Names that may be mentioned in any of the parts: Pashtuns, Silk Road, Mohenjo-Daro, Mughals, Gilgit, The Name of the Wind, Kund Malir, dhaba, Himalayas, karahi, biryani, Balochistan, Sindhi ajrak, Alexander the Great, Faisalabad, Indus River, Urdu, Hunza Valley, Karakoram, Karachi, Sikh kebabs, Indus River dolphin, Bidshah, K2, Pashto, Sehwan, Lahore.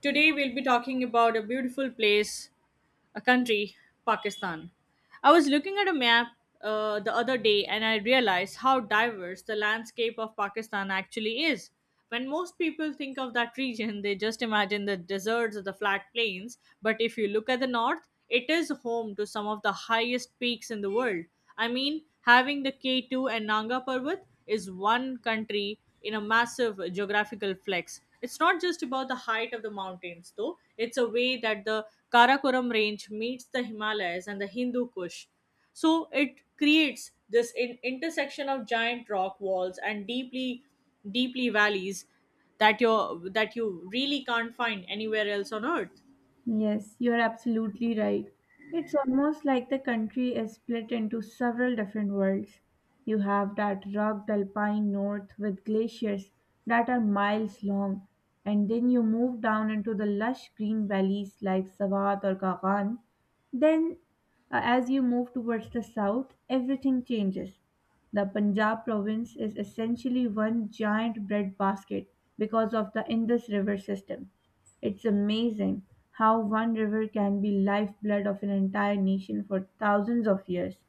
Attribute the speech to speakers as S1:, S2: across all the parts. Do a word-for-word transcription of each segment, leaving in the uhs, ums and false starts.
S1: Today we'll be talking about a beautiful place, a country, Pakistan. I was looking at a map uh, the other day and I realized how diverse the landscape of Pakistan actually is. When most people think of that region, they just imagine the deserts or the flat plains. But if you look at the north, it is home to some of the highest peaks in the world. I mean, having the K two and Nanga Parbat is one country in a massive geographical flex. It's not just about the height of the mountains, though, it's a way that the Karakoram range meets the Himalayas and the Hindu Kush. So it creates this in- intersection of giant rock walls and deeply, deeply valleys that you that you really can't find anywhere else on earth.
S2: Yes, you're absolutely right. It's almost like the country is split into several different worlds. You have that rugged alpine north with glaciers that are miles long, and then you move down into the lush green valleys like Savat or Kagan. Then, uh, as you move towards the south, everything changes. The Punjab province is essentially one giant breadbasket because of the Indus River system. It's amazing how one river can be lifeblood of an entire nation for thousands of years.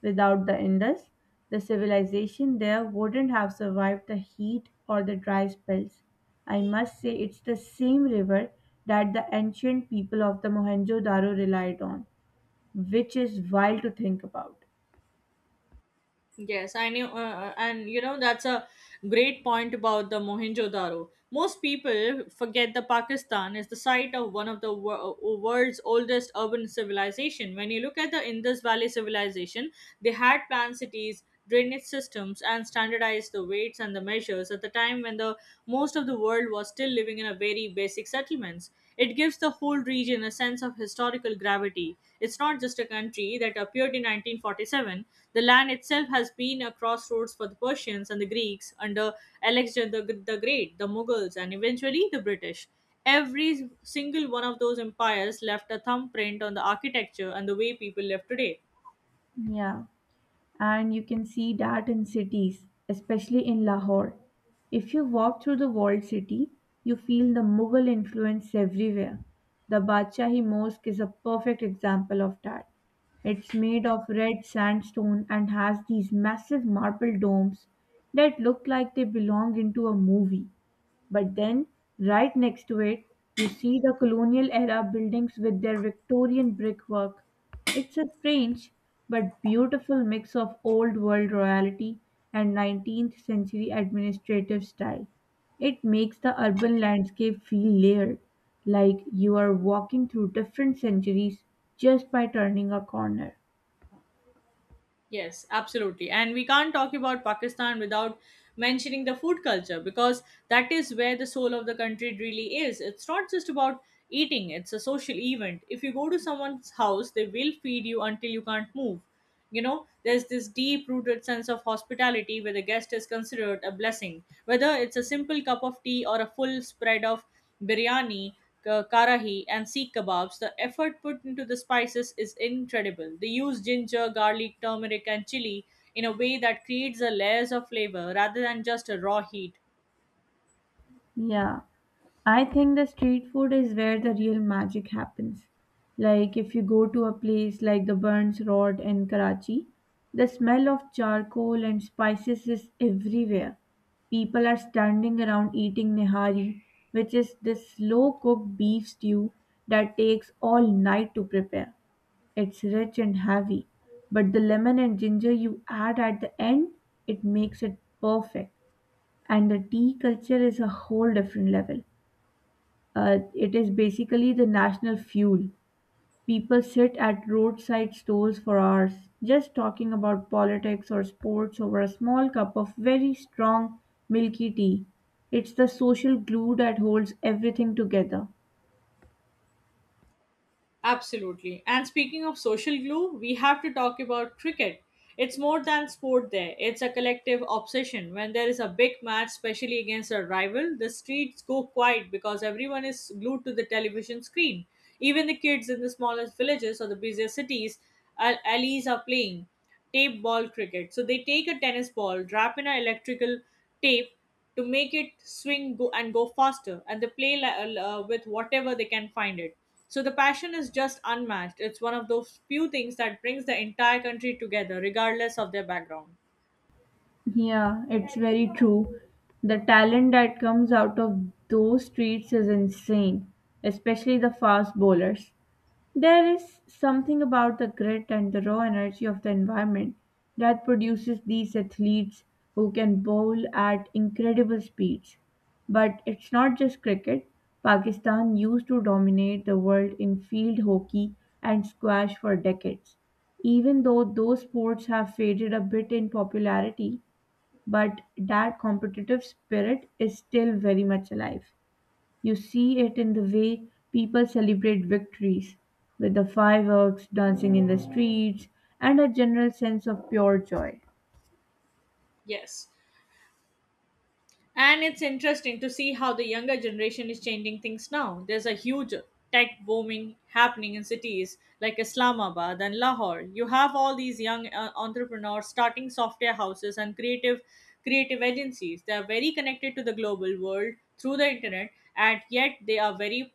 S2: Without the Indus, the civilization there wouldn't have survived the heat or the dry spells. I must say it's the same river that the ancient people of the Mohenjo-Daro relied on, which is wild to think about.
S1: Yes, I knew, uh, uh, and you know, that's a great point about the Mohenjo-daro. Most people forget that Pakistan is the site of one of the wor- world's oldest urban civilization. When you look at the Indus Valley civilization, they had planned cities, drainage systems, and standardized the weights and the measures at the time when the most of the world was still living in a very basic settlements. It gives the whole region a sense of historical gravity. It's not just a country that appeared in nineteen forty-seven. The land itself has been a crossroads for the Persians and the Greeks under Alexander the, the Great, the Mughals, and eventually the British. Every single one of those empires left a thumbprint on the architecture and the way people live today.
S2: Yeah, and you can see that in cities, especially in Lahore. If you walk through the walled city, you feel the Mughal influence everywhere. The Badshahi Mosque is a perfect example of that. It's made of red sandstone and has these massive marble domes that look like they belong into a movie. But then, right next to it, you see the colonial era buildings with their Victorian brickwork. It's a strange but beautiful mix of old world royalty and nineteenth century administrative style. It makes the urban landscape feel layered, like you are walking through different centuries just by turning a corner.
S1: Yes, absolutely. And we can't talk about Pakistan without mentioning the food culture because that is where the soul of the country really is. It's not just about eating, it's a social event. If you go to someone's house, they will feed you until you can't move. You know, there's this deep rooted sense of hospitality where the guest is considered a blessing. Whether it's a simple cup of tea or a full spread of biryani, ka- karahi, and Sikh kebabs, the effort put into the spices is incredible. They use ginger, garlic, turmeric, and chili in a way that creates a layers of flavor rather than just a raw heat.
S2: Yeah, I think the street food is where the real magic happens. Like if you go to a place like the Burns Road in Karachi, the smell of charcoal and spices is everywhere. People are standing around eating nihari, which is this slow cooked beef stew that takes all night to prepare. It's rich and heavy, but the lemon and ginger you add at the end, it makes it perfect and the tea culture is a whole different level. Uh, it is basically the national fuel. People sit at roadside stalls for hours, just talking about politics or sports over a small cup of very strong, milky tea. It's the social glue that holds everything together.
S1: Absolutely. And speaking of social glue, we have to talk about cricket. It's more than sport there, it's a collective obsession. When there is a big match, especially against a rival, the streets go quiet because everyone is glued to the television screen. Even the kids in the smallest villages or the busiest cities, al- alleys are playing tape ball cricket. So they take a tennis ball, wrap in an electrical tape, to make it swing go and go faster and they play li- uh, with whatever they can find it, so the passion is just unmatched. It's one of those few things that brings the entire country together regardless of their background.
S2: Yeah, it's very true. The talent that comes out of those streets is insane, especially the fast bowlers. There is something about the grit and the raw energy of the environment that produces these athletes who can bowl at incredible speeds. But it's not just cricket. Pakistan used to dominate the world in field hockey and squash for decades. Even though those sports have faded a bit in popularity, but that competitive spirit is still very much alive. You see it in the way people celebrate victories, with the fireworks, dancing in the streets, and a general sense of pure joy.
S1: Yes. And it's interesting to see how the younger generation is changing things now. There's a huge tech booming happening in cities like Islamabad and Lahore. You have all these young uh, entrepreneurs starting software houses and creative creative agencies. They are very connected to the global world through the internet, and yet they are very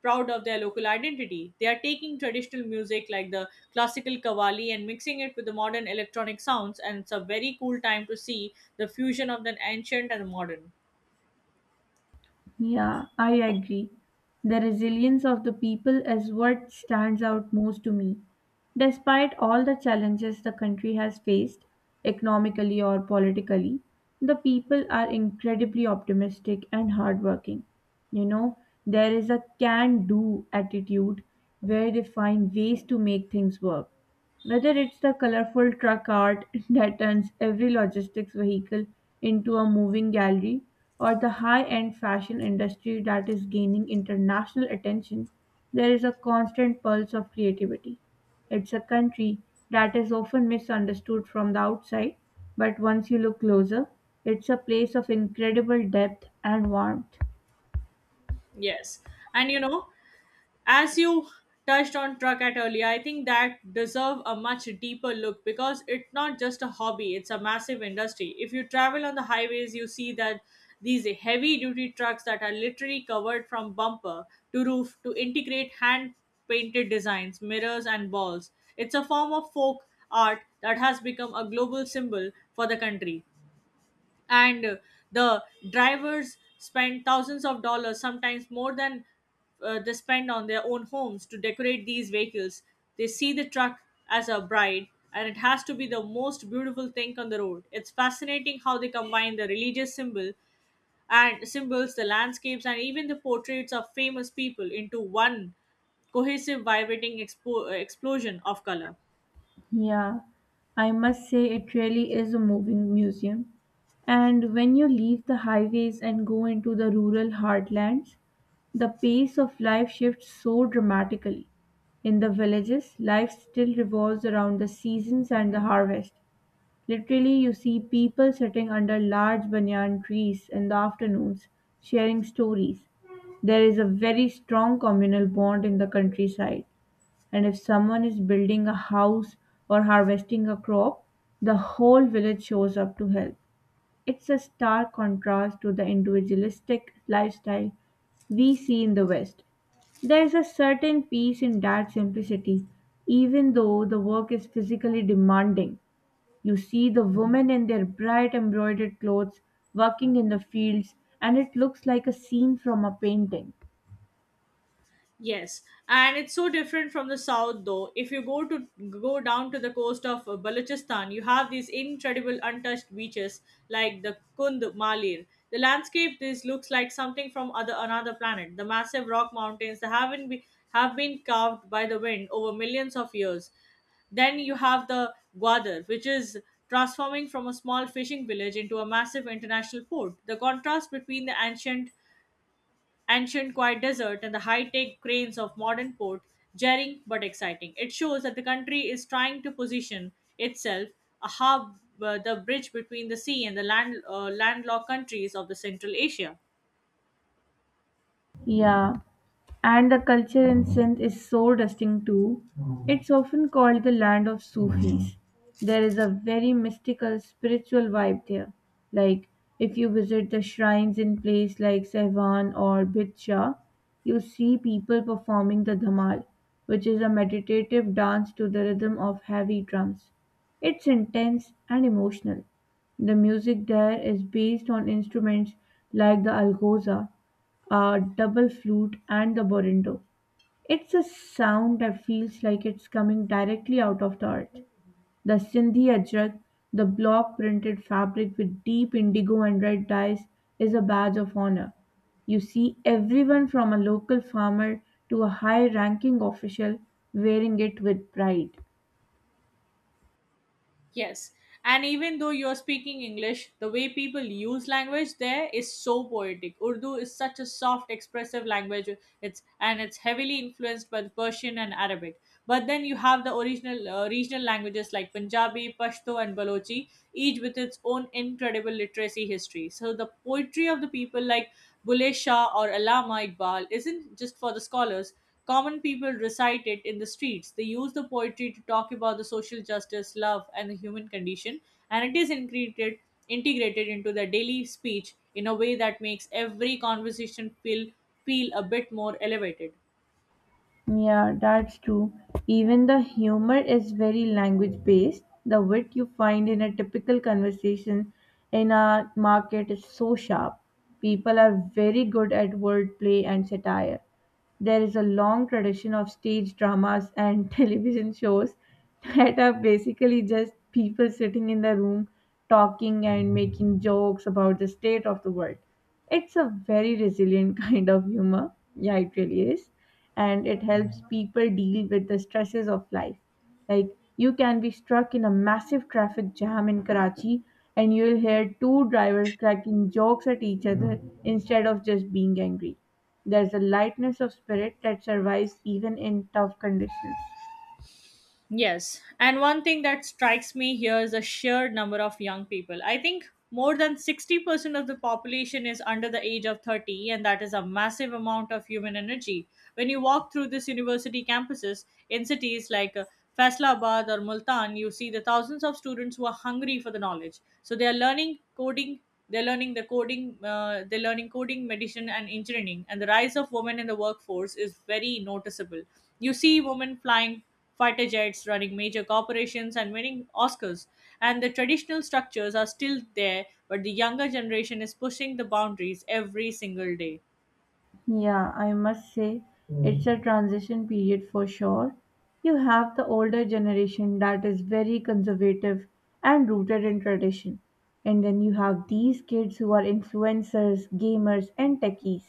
S1: proud of their local identity. They are taking traditional music like the classical kawali and mixing it with the modern electronic sounds, and it's a very cool time to see the fusion of the ancient and the modern.
S2: Yeah, I agree. The resilience of the people is what stands out most to me. Despite all the challenges the country has faced, economically or politically, the people are incredibly optimistic and hardworking. You know, there is a can do attitude where they find ways to make things work, whether it's the colorful truck art that turns every logistics vehicle into a moving gallery, or the high end fashion industry that is gaining international attention. There is a constant pulse of creativity. It's a country that is often misunderstood from the outside, but once you look closer, it's a place of incredible depth and warmth.
S1: Yes, and you know, as you touched on truck at earlier, I think that deserve a much deeper look because it's not just a hobby, it's a massive industry. If you travel on the highways, you see that these heavy duty trucks that are literally covered from bumper to roof to integrate hand painted designs, mirrors, and balls. It's a form of folk art that has become a global symbol for the country. And uh, the drivers spend thousands of dollars, sometimes more than uh, they spend on their own homes to decorate these vehicles. They see the truck as a bride, and it has to be the most beautiful thing on the road. It's fascinating how they combine the religious symbol and symbols, the landscapes, and even the portraits of famous people into one cohesive vibrating expo- explosion of color.
S2: Yeah, I must say it really is a moving museum. And when you leave the highways and go into the rural heartlands, the pace of life shifts so dramatically. In the villages, life still revolves around the seasons and the harvest. Literally, you see people sitting under large banyan trees in the afternoons, sharing stories. There is a very strong communal bond in the countryside. And if someone is building a house or harvesting a crop, the whole village shows up to help. It's a stark contrast to the individualistic lifestyle we see in the West. There's a certain peace in that simplicity, even though the work is physically demanding. You see the women in their bright embroidered clothes working in the fields, and it looks like a scene from a painting.
S1: Yes, and it's so different from the south though. If you go to go down to the coast of uh, Balochistan, you have these incredible untouched beaches like the Kund Malir. The landscape this looks like something from other another planet. The massive rock mountains that haven't be, have been carved by the wind over millions of years. Then you have the Gwadar, which is transforming from a small fishing village into a massive international port. The contrast between the ancient ancient quiet desert and the high-tech cranes of modern port, jarring but exciting. It shows that the country is trying to position itself a hub, uh, the bridge between the sea and the land, uh, landlocked countries of the Central Asia.
S2: Yeah, and the culture in Sindh is so distinct too. It's often called the land of Sufis. There is a very mystical, spiritual vibe there. Like, if you visit the shrines in places like Sehwan or Bidshah, you see people performing the Dhamal, which is a meditative dance to the rhythm of heavy drums. It's intense and emotional. The music there is based on instruments like the algoza, uh, double flute, and the borindo. It's a sound that feels like it's coming directly out of the earth. The Sindhi ajrak, the block printed fabric with deep indigo and red dyes, is a badge of honor. You see everyone from a local farmer to a high ranking official wearing it with pride.
S1: Yes. And even though you're speaking English, the way people use language there is so poetic. Urdu is such a soft, expressive language. It's and it's heavily influenced by the Persian and Arabic. But then you have the original uh, regional languages like Punjabi, Pashto, and Balochi, each with its own incredible literacy history. So the poetry of the people like Bhule Shah or Allama Iqbal isn't just for the scholars. Common people recite it in the streets. They use the poetry to talk about the social justice, love, and the human condition, and it is integrated, integrated into their daily speech in a way that makes every conversation feel feel a bit more elevated.
S2: Yeah, that's true. Even the humor is very language based. The wit you find in a typical conversation in a market is so sharp. People are very good at wordplay and satire. There is a long tradition of stage dramas and television shows that are basically just people sitting in the room talking and making jokes about the state of the world. It's a very resilient kind of humor. Yeah, it really is. And it helps people deal with the stresses of life. Like, you can be struck in a massive traffic jam in Karachi and you'll hear two drivers cracking jokes at each other instead of just being angry. There's a lightness of spirit that survives even in tough conditions.
S1: Yes. And one thing that strikes me here is the sheer number of young people. I think more than sixty percent of the population is under the age of thirty, and that is a massive amount of human energy. When you walk through these university campuses in cities like uh, Faisalabad or Multan, you see the thousands of students who are hungry for the knowledge. So they are learning coding, they're learning the coding, uh, they're learning coding, medicine, and engineering. And the rise of women in the workforce is very noticeable. You see women flying fighter jets, running major corporations, and winning Oscars. And the traditional structures are still there, but the younger generation is pushing the boundaries every single day.
S2: Yeah, I must say it's a transition period for sure. You have the older generation that is very conservative and rooted in tradition. And then you have these kids who are influencers, gamers, and techies.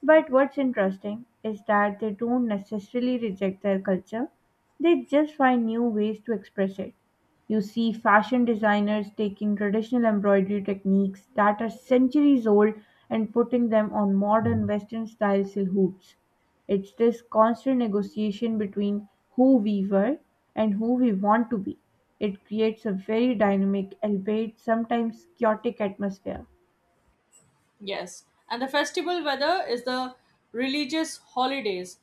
S2: But what's interesting is that they don't necessarily reject their culture, they just find new ways to express it. You see fashion designers taking traditional embroidery techniques that are centuries old and putting them on modern Western style silhouettes. It's this constant negotiation between who we were and who we want to be. It creates a very dynamic, albeit sometimes chaotic atmosphere.
S1: Yes, and the festival weather is the religious holidays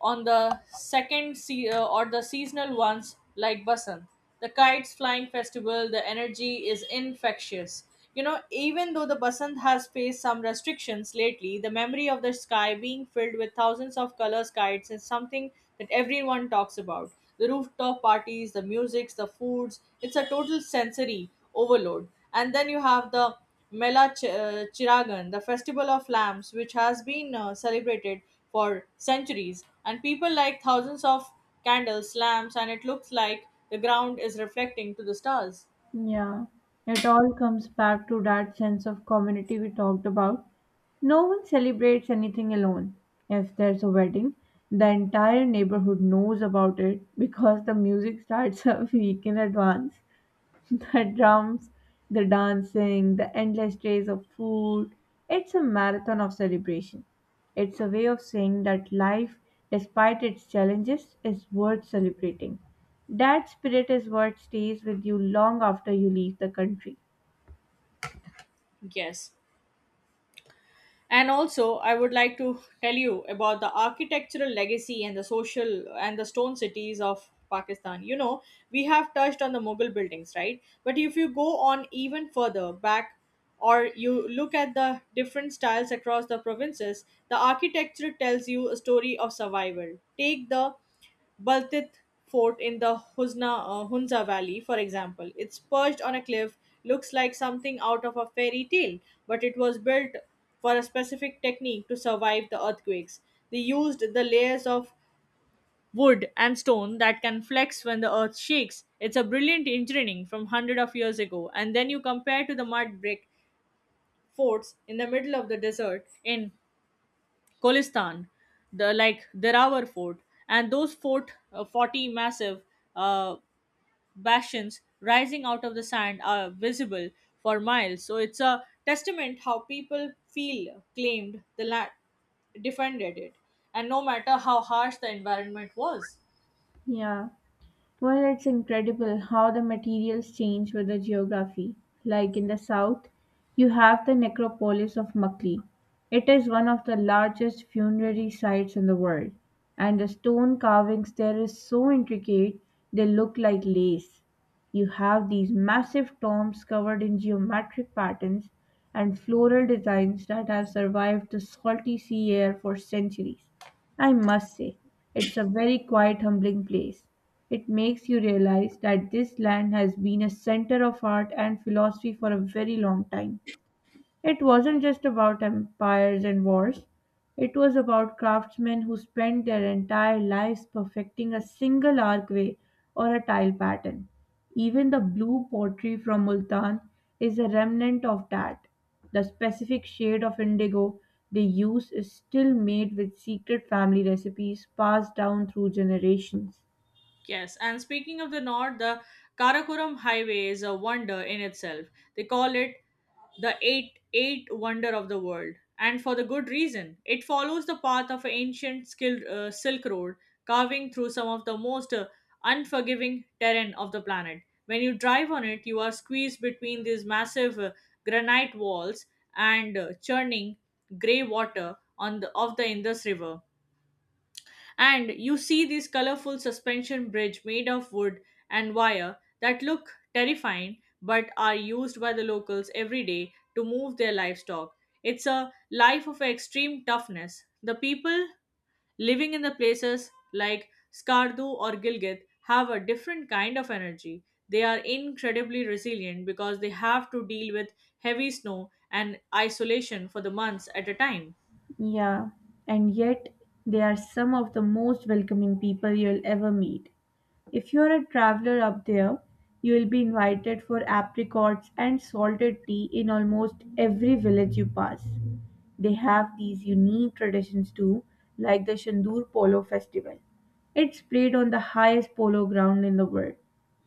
S1: on the second se- uh, or the seasonal ones like Basant. The kites flying festival, the energy is infectious. You know, even though the Basant has faced some restrictions lately, the memory of the sky being filled with thousands of colors kites is something that everyone talks about. The rooftop parties, the musics, the foods, it's a total sensory overload. And then you have the Mela Ch- uh, Chiragan, the festival of lamps, which has been uh, celebrated for centuries, and people light thousands of candles, lamps, and it looks like the ground is reflecting to the stars.
S2: Yeah, it all comes back to that sense of community we talked about. No one celebrates anything alone. If there's a wedding, the entire neighborhood knows about it because the music starts a week in advance. The drums, the dancing, the endless trays of food. It's a marathon of celebration. It's a way of saying that life, despite its challenges, is worth celebrating. That spirit is what stays with you long after you leave the country.
S1: Yes. And also I would like to tell you about the architectural legacy and the social and the stone cities of Pakistan. You know, we have touched on the Mughal buildings, right? But if you go on even further back or you look at the different styles across the provinces, the architecture tells you a story of survival. Take the Baltith Fort in the Husna, uh, Hunza Valley, for example. It's perched on a cliff, looks like something out of a fairy tale, but it was built for a specific technique to survive the earthquakes. They used the layers of wood and stone that can flex when the earth shakes. It's a brilliant engineering from hundred of years ago. And then you compare to the mud brick forts in the middle of the desert in Kholistan, the like Derawar Fort, and those fort uh, forty massive uh, bastions rising out of the sand are visible for miles. So it's a testament how people feel claimed the land, defended it, and no matter how harsh the environment was.
S2: Yeah. Well, it's incredible how the materials change with the geography. Like in the south, you have the necropolis of Makli. It is one of the largest funerary sites in the world, and the stone carvings there is so intricate they look like lace. You have these massive tombs covered in geometric patterns and floral designs that have survived the salty sea air for centuries. I must say, it's a very quiet, humbling place. It makes you realize that this land has been a center of art and philosophy for a very long time. It wasn't just about empires and wars, it was about craftsmen who spent their entire lives perfecting a single archway or a tile pattern. Even the blue pottery from Multan is a remnant of that. The specific shade of indigo they use is still made with secret family recipes passed down through generations.
S1: Yes, and speaking of the north, the Karakoram Highway is a wonder in itself. They call it the eight eight wonder of the world, and for the good reason. It follows the path of an ancient skilled, uh, Silk Road, carving through some of the most uh, unforgiving terrain of the planet. When you drive on it, you are squeezed between these massive uh, granite walls and uh, churning grey water on the, of the Indus River. And you see this colorful suspension bridge made of wood and wire that look terrifying but are used by the locals every day to move their livestock. It's a life of extreme toughness. The people living in the places like Skardu or Gilgit have a different kind of energy. They are incredibly resilient because they have to deal with heavy snow and isolation for the months at a time.
S2: Yeah, and yet they are some of the most welcoming people you'll ever meet. If you're a traveler up there, you'll be invited for apricots and salted tea in almost every village you pass. They have these unique traditions too, like the Shandur Polo Festival. It's played on the highest polo ground in the world.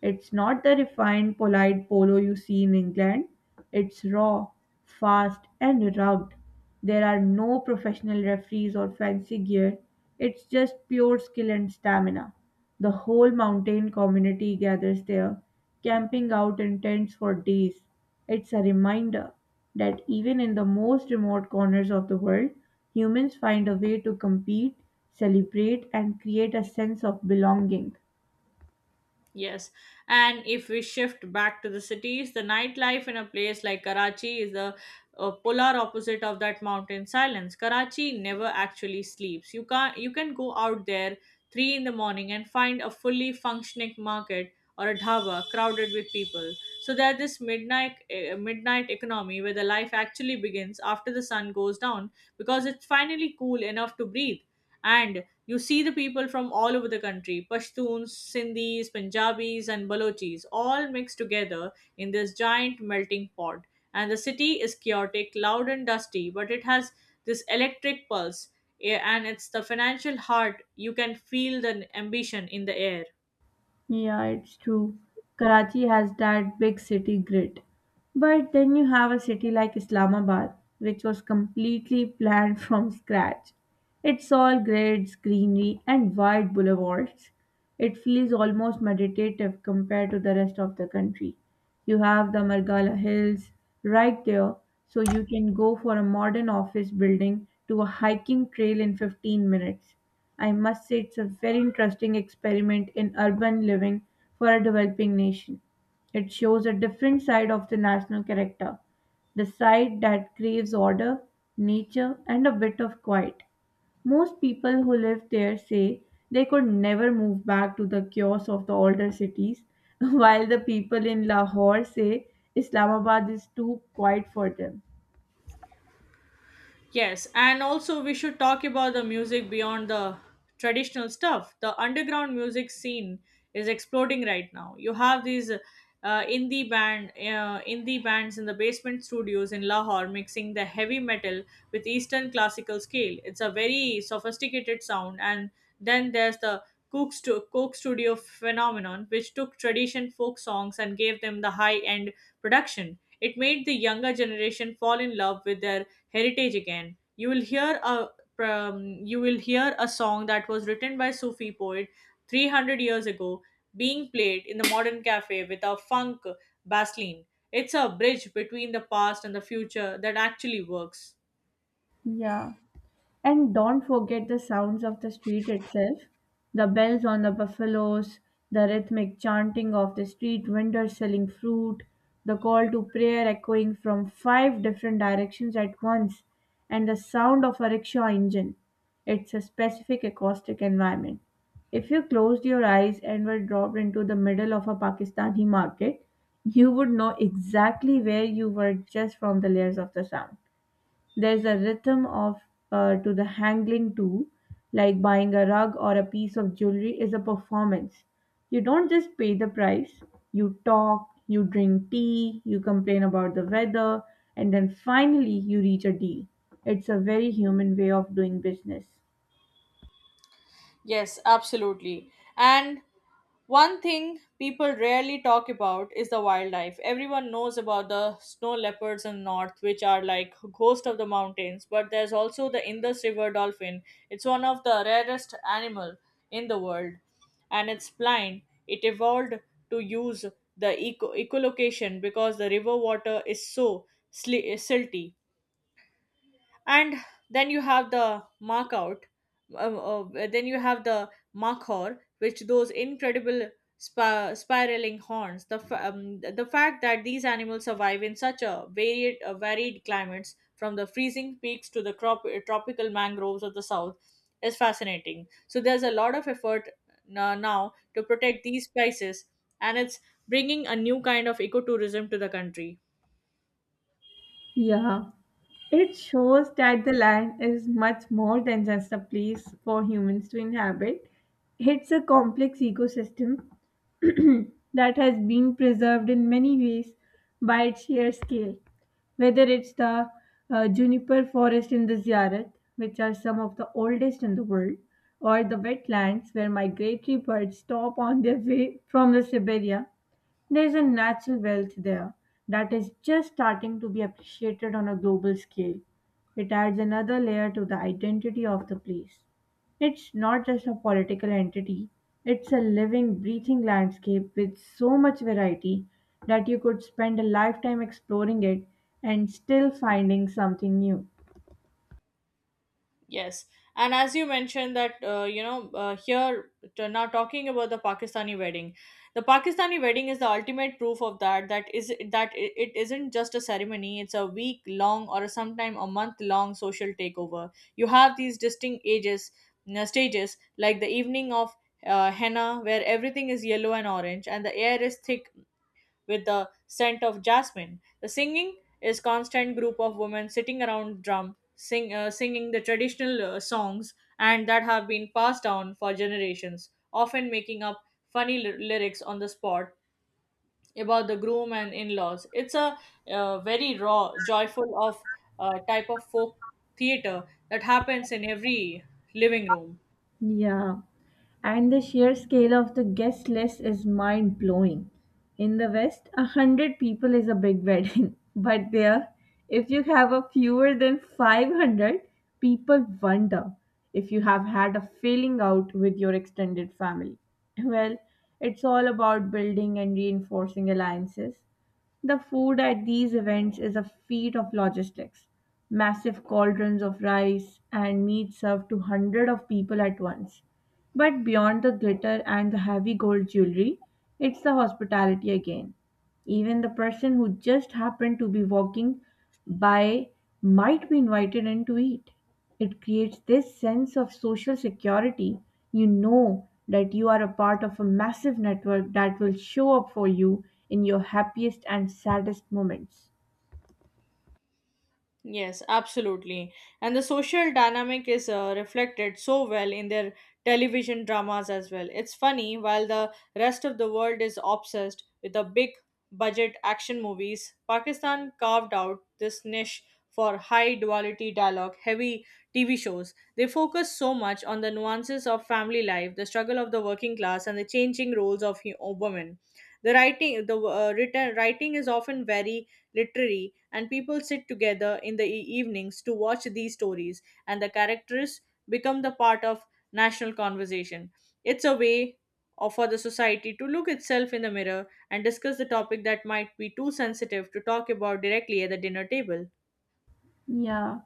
S2: It's not the refined, polite polo you see in England. It's raw, fast, and rugged. There are no professional referees or fancy gear. It's just pure skill and stamina. The whole mountain community gathers there, camping out in tents for days. It's a reminder that even in the most remote corners of the world, humans find a way to compete, celebrate, and create a sense of belonging.
S1: Yes, and if we shift back to the cities, the nightlife in a place like Karachi is the uh, polar opposite of that mountain silence. Karachi never actually sleeps. You can you can go out there three in the morning and find a fully functioning market or a dhaba crowded with people. So there's this midnight uh, midnight economy where the life actually begins after the sun goes down because it's finally cool enough to breathe, and you see the people from all over the country, Pashtuns, Sindhis, Punjabis, and Balochis, all mixed together in this giant melting pot. And the city is chaotic, loud, and dusty, but it has this electric pulse, eh, and it's the financial heart. You can feel the ambition in the air.
S2: Yeah, it's true. Karachi has that big city grit. But then you have a city like Islamabad, which was completely planned from scratch. It's all grids, greenery, and wide boulevards. It feels almost meditative compared to the rest of the country. You have the Margala Hills right there, so you can go for a modern office building to a hiking trail in fifteen minutes. I must say, it's a very interesting experiment in urban living for a developing nation. It shows a different side of the national character, the side that craves order, nature, and a bit of quiet. Most people who live there say they could never move back to the chaos of the older cities, while the people in Lahore say Islamabad is too quiet for them.
S1: Yes, and also we should talk about the music beyond the traditional stuff. The underground music scene is exploding right now. You have these uh, indie band, uh, indie bands in the basement studios in Lahore mixing the heavy metal with Eastern classical scale. It's a very sophisticated sound, and then there's the Cook, stu- Coke studio phenomenon, which took tradition folk songs and gave them the high end production. It made the younger generation fall in love with their heritage again. You will hear a um, you will hear a song that was written by sufi poet three hundred years ago being played in the modern cafe with a funk bassline. It's a bridge between the past and the future that actually works.
S2: Yeah. And don't forget the sounds of the street itself, the bells on the buffaloes, the rhythmic chanting of the street vendors selling fruit, the call to prayer echoing from five different directions at once, and the sound of a rickshaw engine. It's a specific acoustic environment. If you closed your eyes and were dropped into the middle of a Pakistani market, you would know exactly where you were just from the layers of the sound. There's a rhythm of uh, to the hangling too, like buying a rug or a piece of jewelry is a performance. You don't just pay the price, you talk, you drink tea, you complain about the weather, and then finally you reach a deal. It's a very human way of doing business.
S1: Yes, absolutely. And one thing people rarely talk about is the wildlife. Everyone knows about the snow leopards in north, which are like ghost of the mountains, but there's also the Indus River dolphin. It's one of the rarest animal in the world, and it's blind. It evolved to use the eco- echolocation because the river water is so sli- silty, and then you have the mark out um, uh, then you have the markhor which those incredible spa- spiraling horns. The fa- um, the fact that these animals survive in such a varied uh, varied climates from the freezing peaks to the crop- uh, tropical mangroves of the south is fascinating. So there's a lot of effort uh, now to protect these places, and it's bringing a new kind of ecotourism to the country.
S2: Yeah, it shows that the land is much more than just a place for humans to inhabit. It's a complex ecosystem that has been preserved in many ways by its sheer scale. Whether it's the uh, juniper forest in the Ziyarat, which are some of the oldest in the world, or the wetlands where migratory birds stop on their way from the Siberia, there's a natural wealth there that is just starting to be appreciated on a global scale. It adds another layer to the identity of the place. It's not just a political entity, it's a living, breathing landscape with so much variety that you could spend a lifetime exploring it and still finding something new.
S1: Yes, and as you mentioned that uh, you know uh, here t- now talking about the Pakistani wedding, the Pakistani wedding is the ultimate proof of that. That is that i- it isn't just a ceremony; it's a week long or sometime a month long social takeover. You have these distinct ages you stages like the evening of uh, henna, where everything is yellow and orange, and the air is thick with the scent of jasmine. The singing is constant, group of women sitting around drum sing, uh, singing the traditional uh, songs and that have been passed down for generations, often making up funny ly- lyrics on the spot about the groom and in-laws. It's a uh, very raw, joyful of uh, type of folk theater that happens in every living room.
S2: Yeah, and the sheer scale of the guest list is mind blowing. In the West, a hundred people is a big wedding, but there, if you have a fewer than five hundred, people wonder if you have had a failing out with your extended family. Well, it's all about building and reinforcing alliances. The food at these events is a feat of logistics. Massive cauldrons of rice and meat served to hundreds of people at once. But beyond the glitter and the heavy gold jewelry, it's the hospitality again. Even the person who just happened to be walking by might be invited in to eat. It creates this sense of social security. You know that you are a part of a massive network that will show up for you in your happiest and saddest moments.
S1: Yes, absolutely. And the social dynamic is uh, reflected so well in their television dramas as well. It's funny, while the rest of the world is obsessed with the big budget action movies, Pakistan carved out this niche for high duality dialogue, heavy T V shows. They focus so much on the nuances of family life, the struggle of the working class, and the changing roles of hu- women. The writing, the uh, written writing is often very literary, and people sit together in the e- evenings to watch these stories, and the characters become the part of national conversation. It's a way or for the society to look itself in the mirror and discuss the topic that might be too sensitive to talk about directly at the dinner table.
S2: Yeah,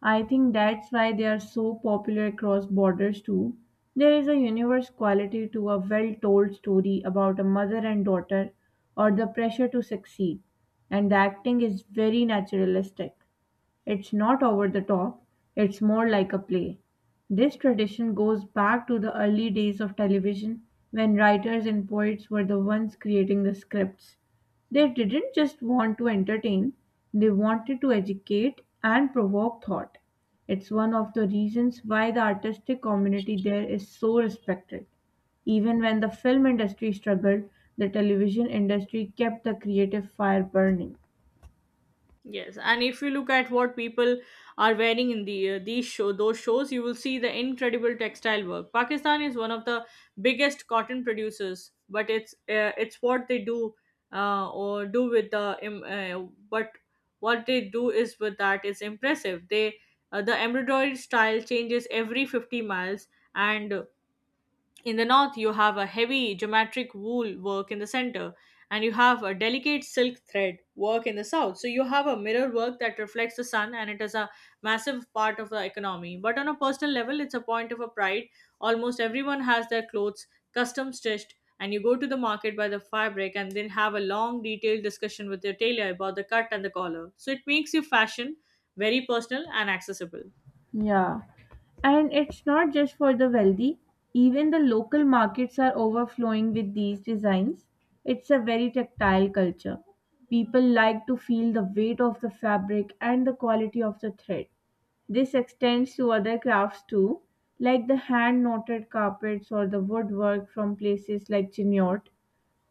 S2: I think that's why they are so popular across borders too. There is a universe quality to a well told story about a mother and daughter or the pressure to succeed, and the acting is very naturalistic. It's not over the top, it's more like a play. This tradition goes back to the early days of television when writers and poets were the ones creating the scripts. They didn't just want to entertain, they wanted to educate and provoke thought. It's one of the reasons why the artistic community there is so respected. Even when the film industry struggled, the television industry kept the creative fire burning.
S1: Yes, and if you look at what people are wearing in the uh, these show those shows, you will see the incredible textile work. Pakistan is one of the biggest cotton producers, but it's uh, it's what they do uh, or do with the um, uh, but what they do is with that is impressive. They uh, the embroidery style changes every fifty miles, and in the north, you have a heavy geometric wool work in the center, and you have a delicate silk thread work in the south. So you have a mirror work that reflects the sun, and it is a massive part of the economy. But on a personal level, it's a point of a pride. Almost everyone has their clothes custom stitched, and you go to the market by the fabric and then have a long, detailed discussion with your tailor about the cut and the collar. So it makes your fashion very personal and accessible.
S2: Yeah. And it's not just for the wealthy, even the local markets are overflowing with these designs. It's a very tactile culture. People like to feel the weight of the fabric and the quality of the thread. This extends to other crafts too, like the hand knotted carpets or the woodwork from places like Chinyot.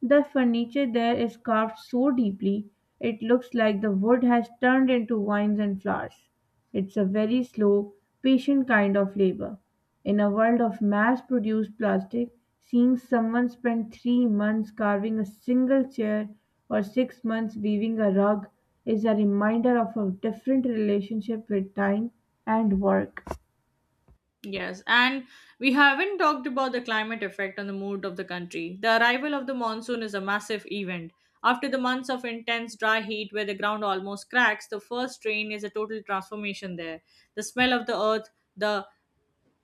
S2: The furniture there is carved so deeply it looks like the wood has turned into vines and flowers. It's a very slow, patient kind of labor. In a world of mass produced plastic, seeing someone spend three months carving a single chair or six months weaving a rug is a reminder of a different relationship with time and work.
S1: Yes, and we haven't talked about the climate effect on the mood of the country. The arrival of the monsoon is a massive event. After the months of intense dry heat where the ground almost cracks, the first rain is a total transformation there. The smell of the earth, the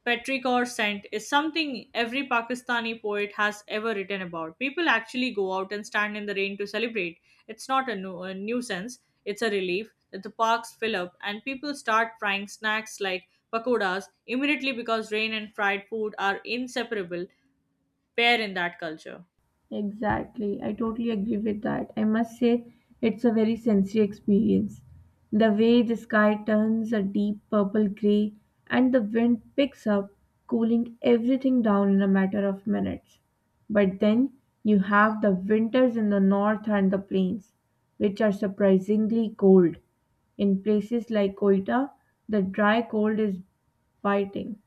S1: Petrick or scent is something every Pakistani poet has ever written about. People actually go out and stand in the rain to celebrate. It's not a, nu- a nuisance, it's a relief that the parks fill up and people start frying snacks like pakodas immediately because rain and fried food are inseparable pair in that culture.
S2: Exactly. I totally agree with that. I must say, it's a very sensory experience. The way the sky turns a deep purple gray and the wind picks up, cooling everything down in a matter of minutes. But then you have the winters in the north and the plains, which are surprisingly cold. In places like Koita, the dry cold is biting,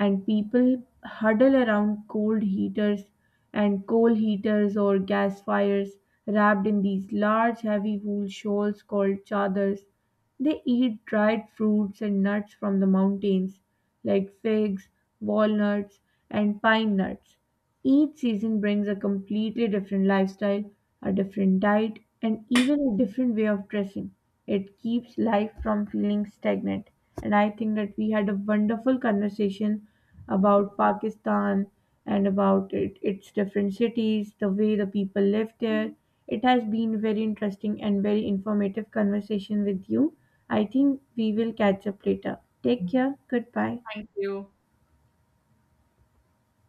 S2: and people huddle around cold heaters and coal heaters or gas fires wrapped in these large heavy wool shawls called chadors. They eat dried fruits and nuts from the mountains like figs, walnuts, and pine nuts. Each season brings a completely different lifestyle, a different diet, and even a different way of dressing. It keeps life from feeling stagnant. And I think that we had a wonderful conversation about Pakistan and about it, its different cities, the way the people live there. It has been very interesting and very informative conversation with you. I think we will catch up later. Take care. Goodbye.
S1: Thank you.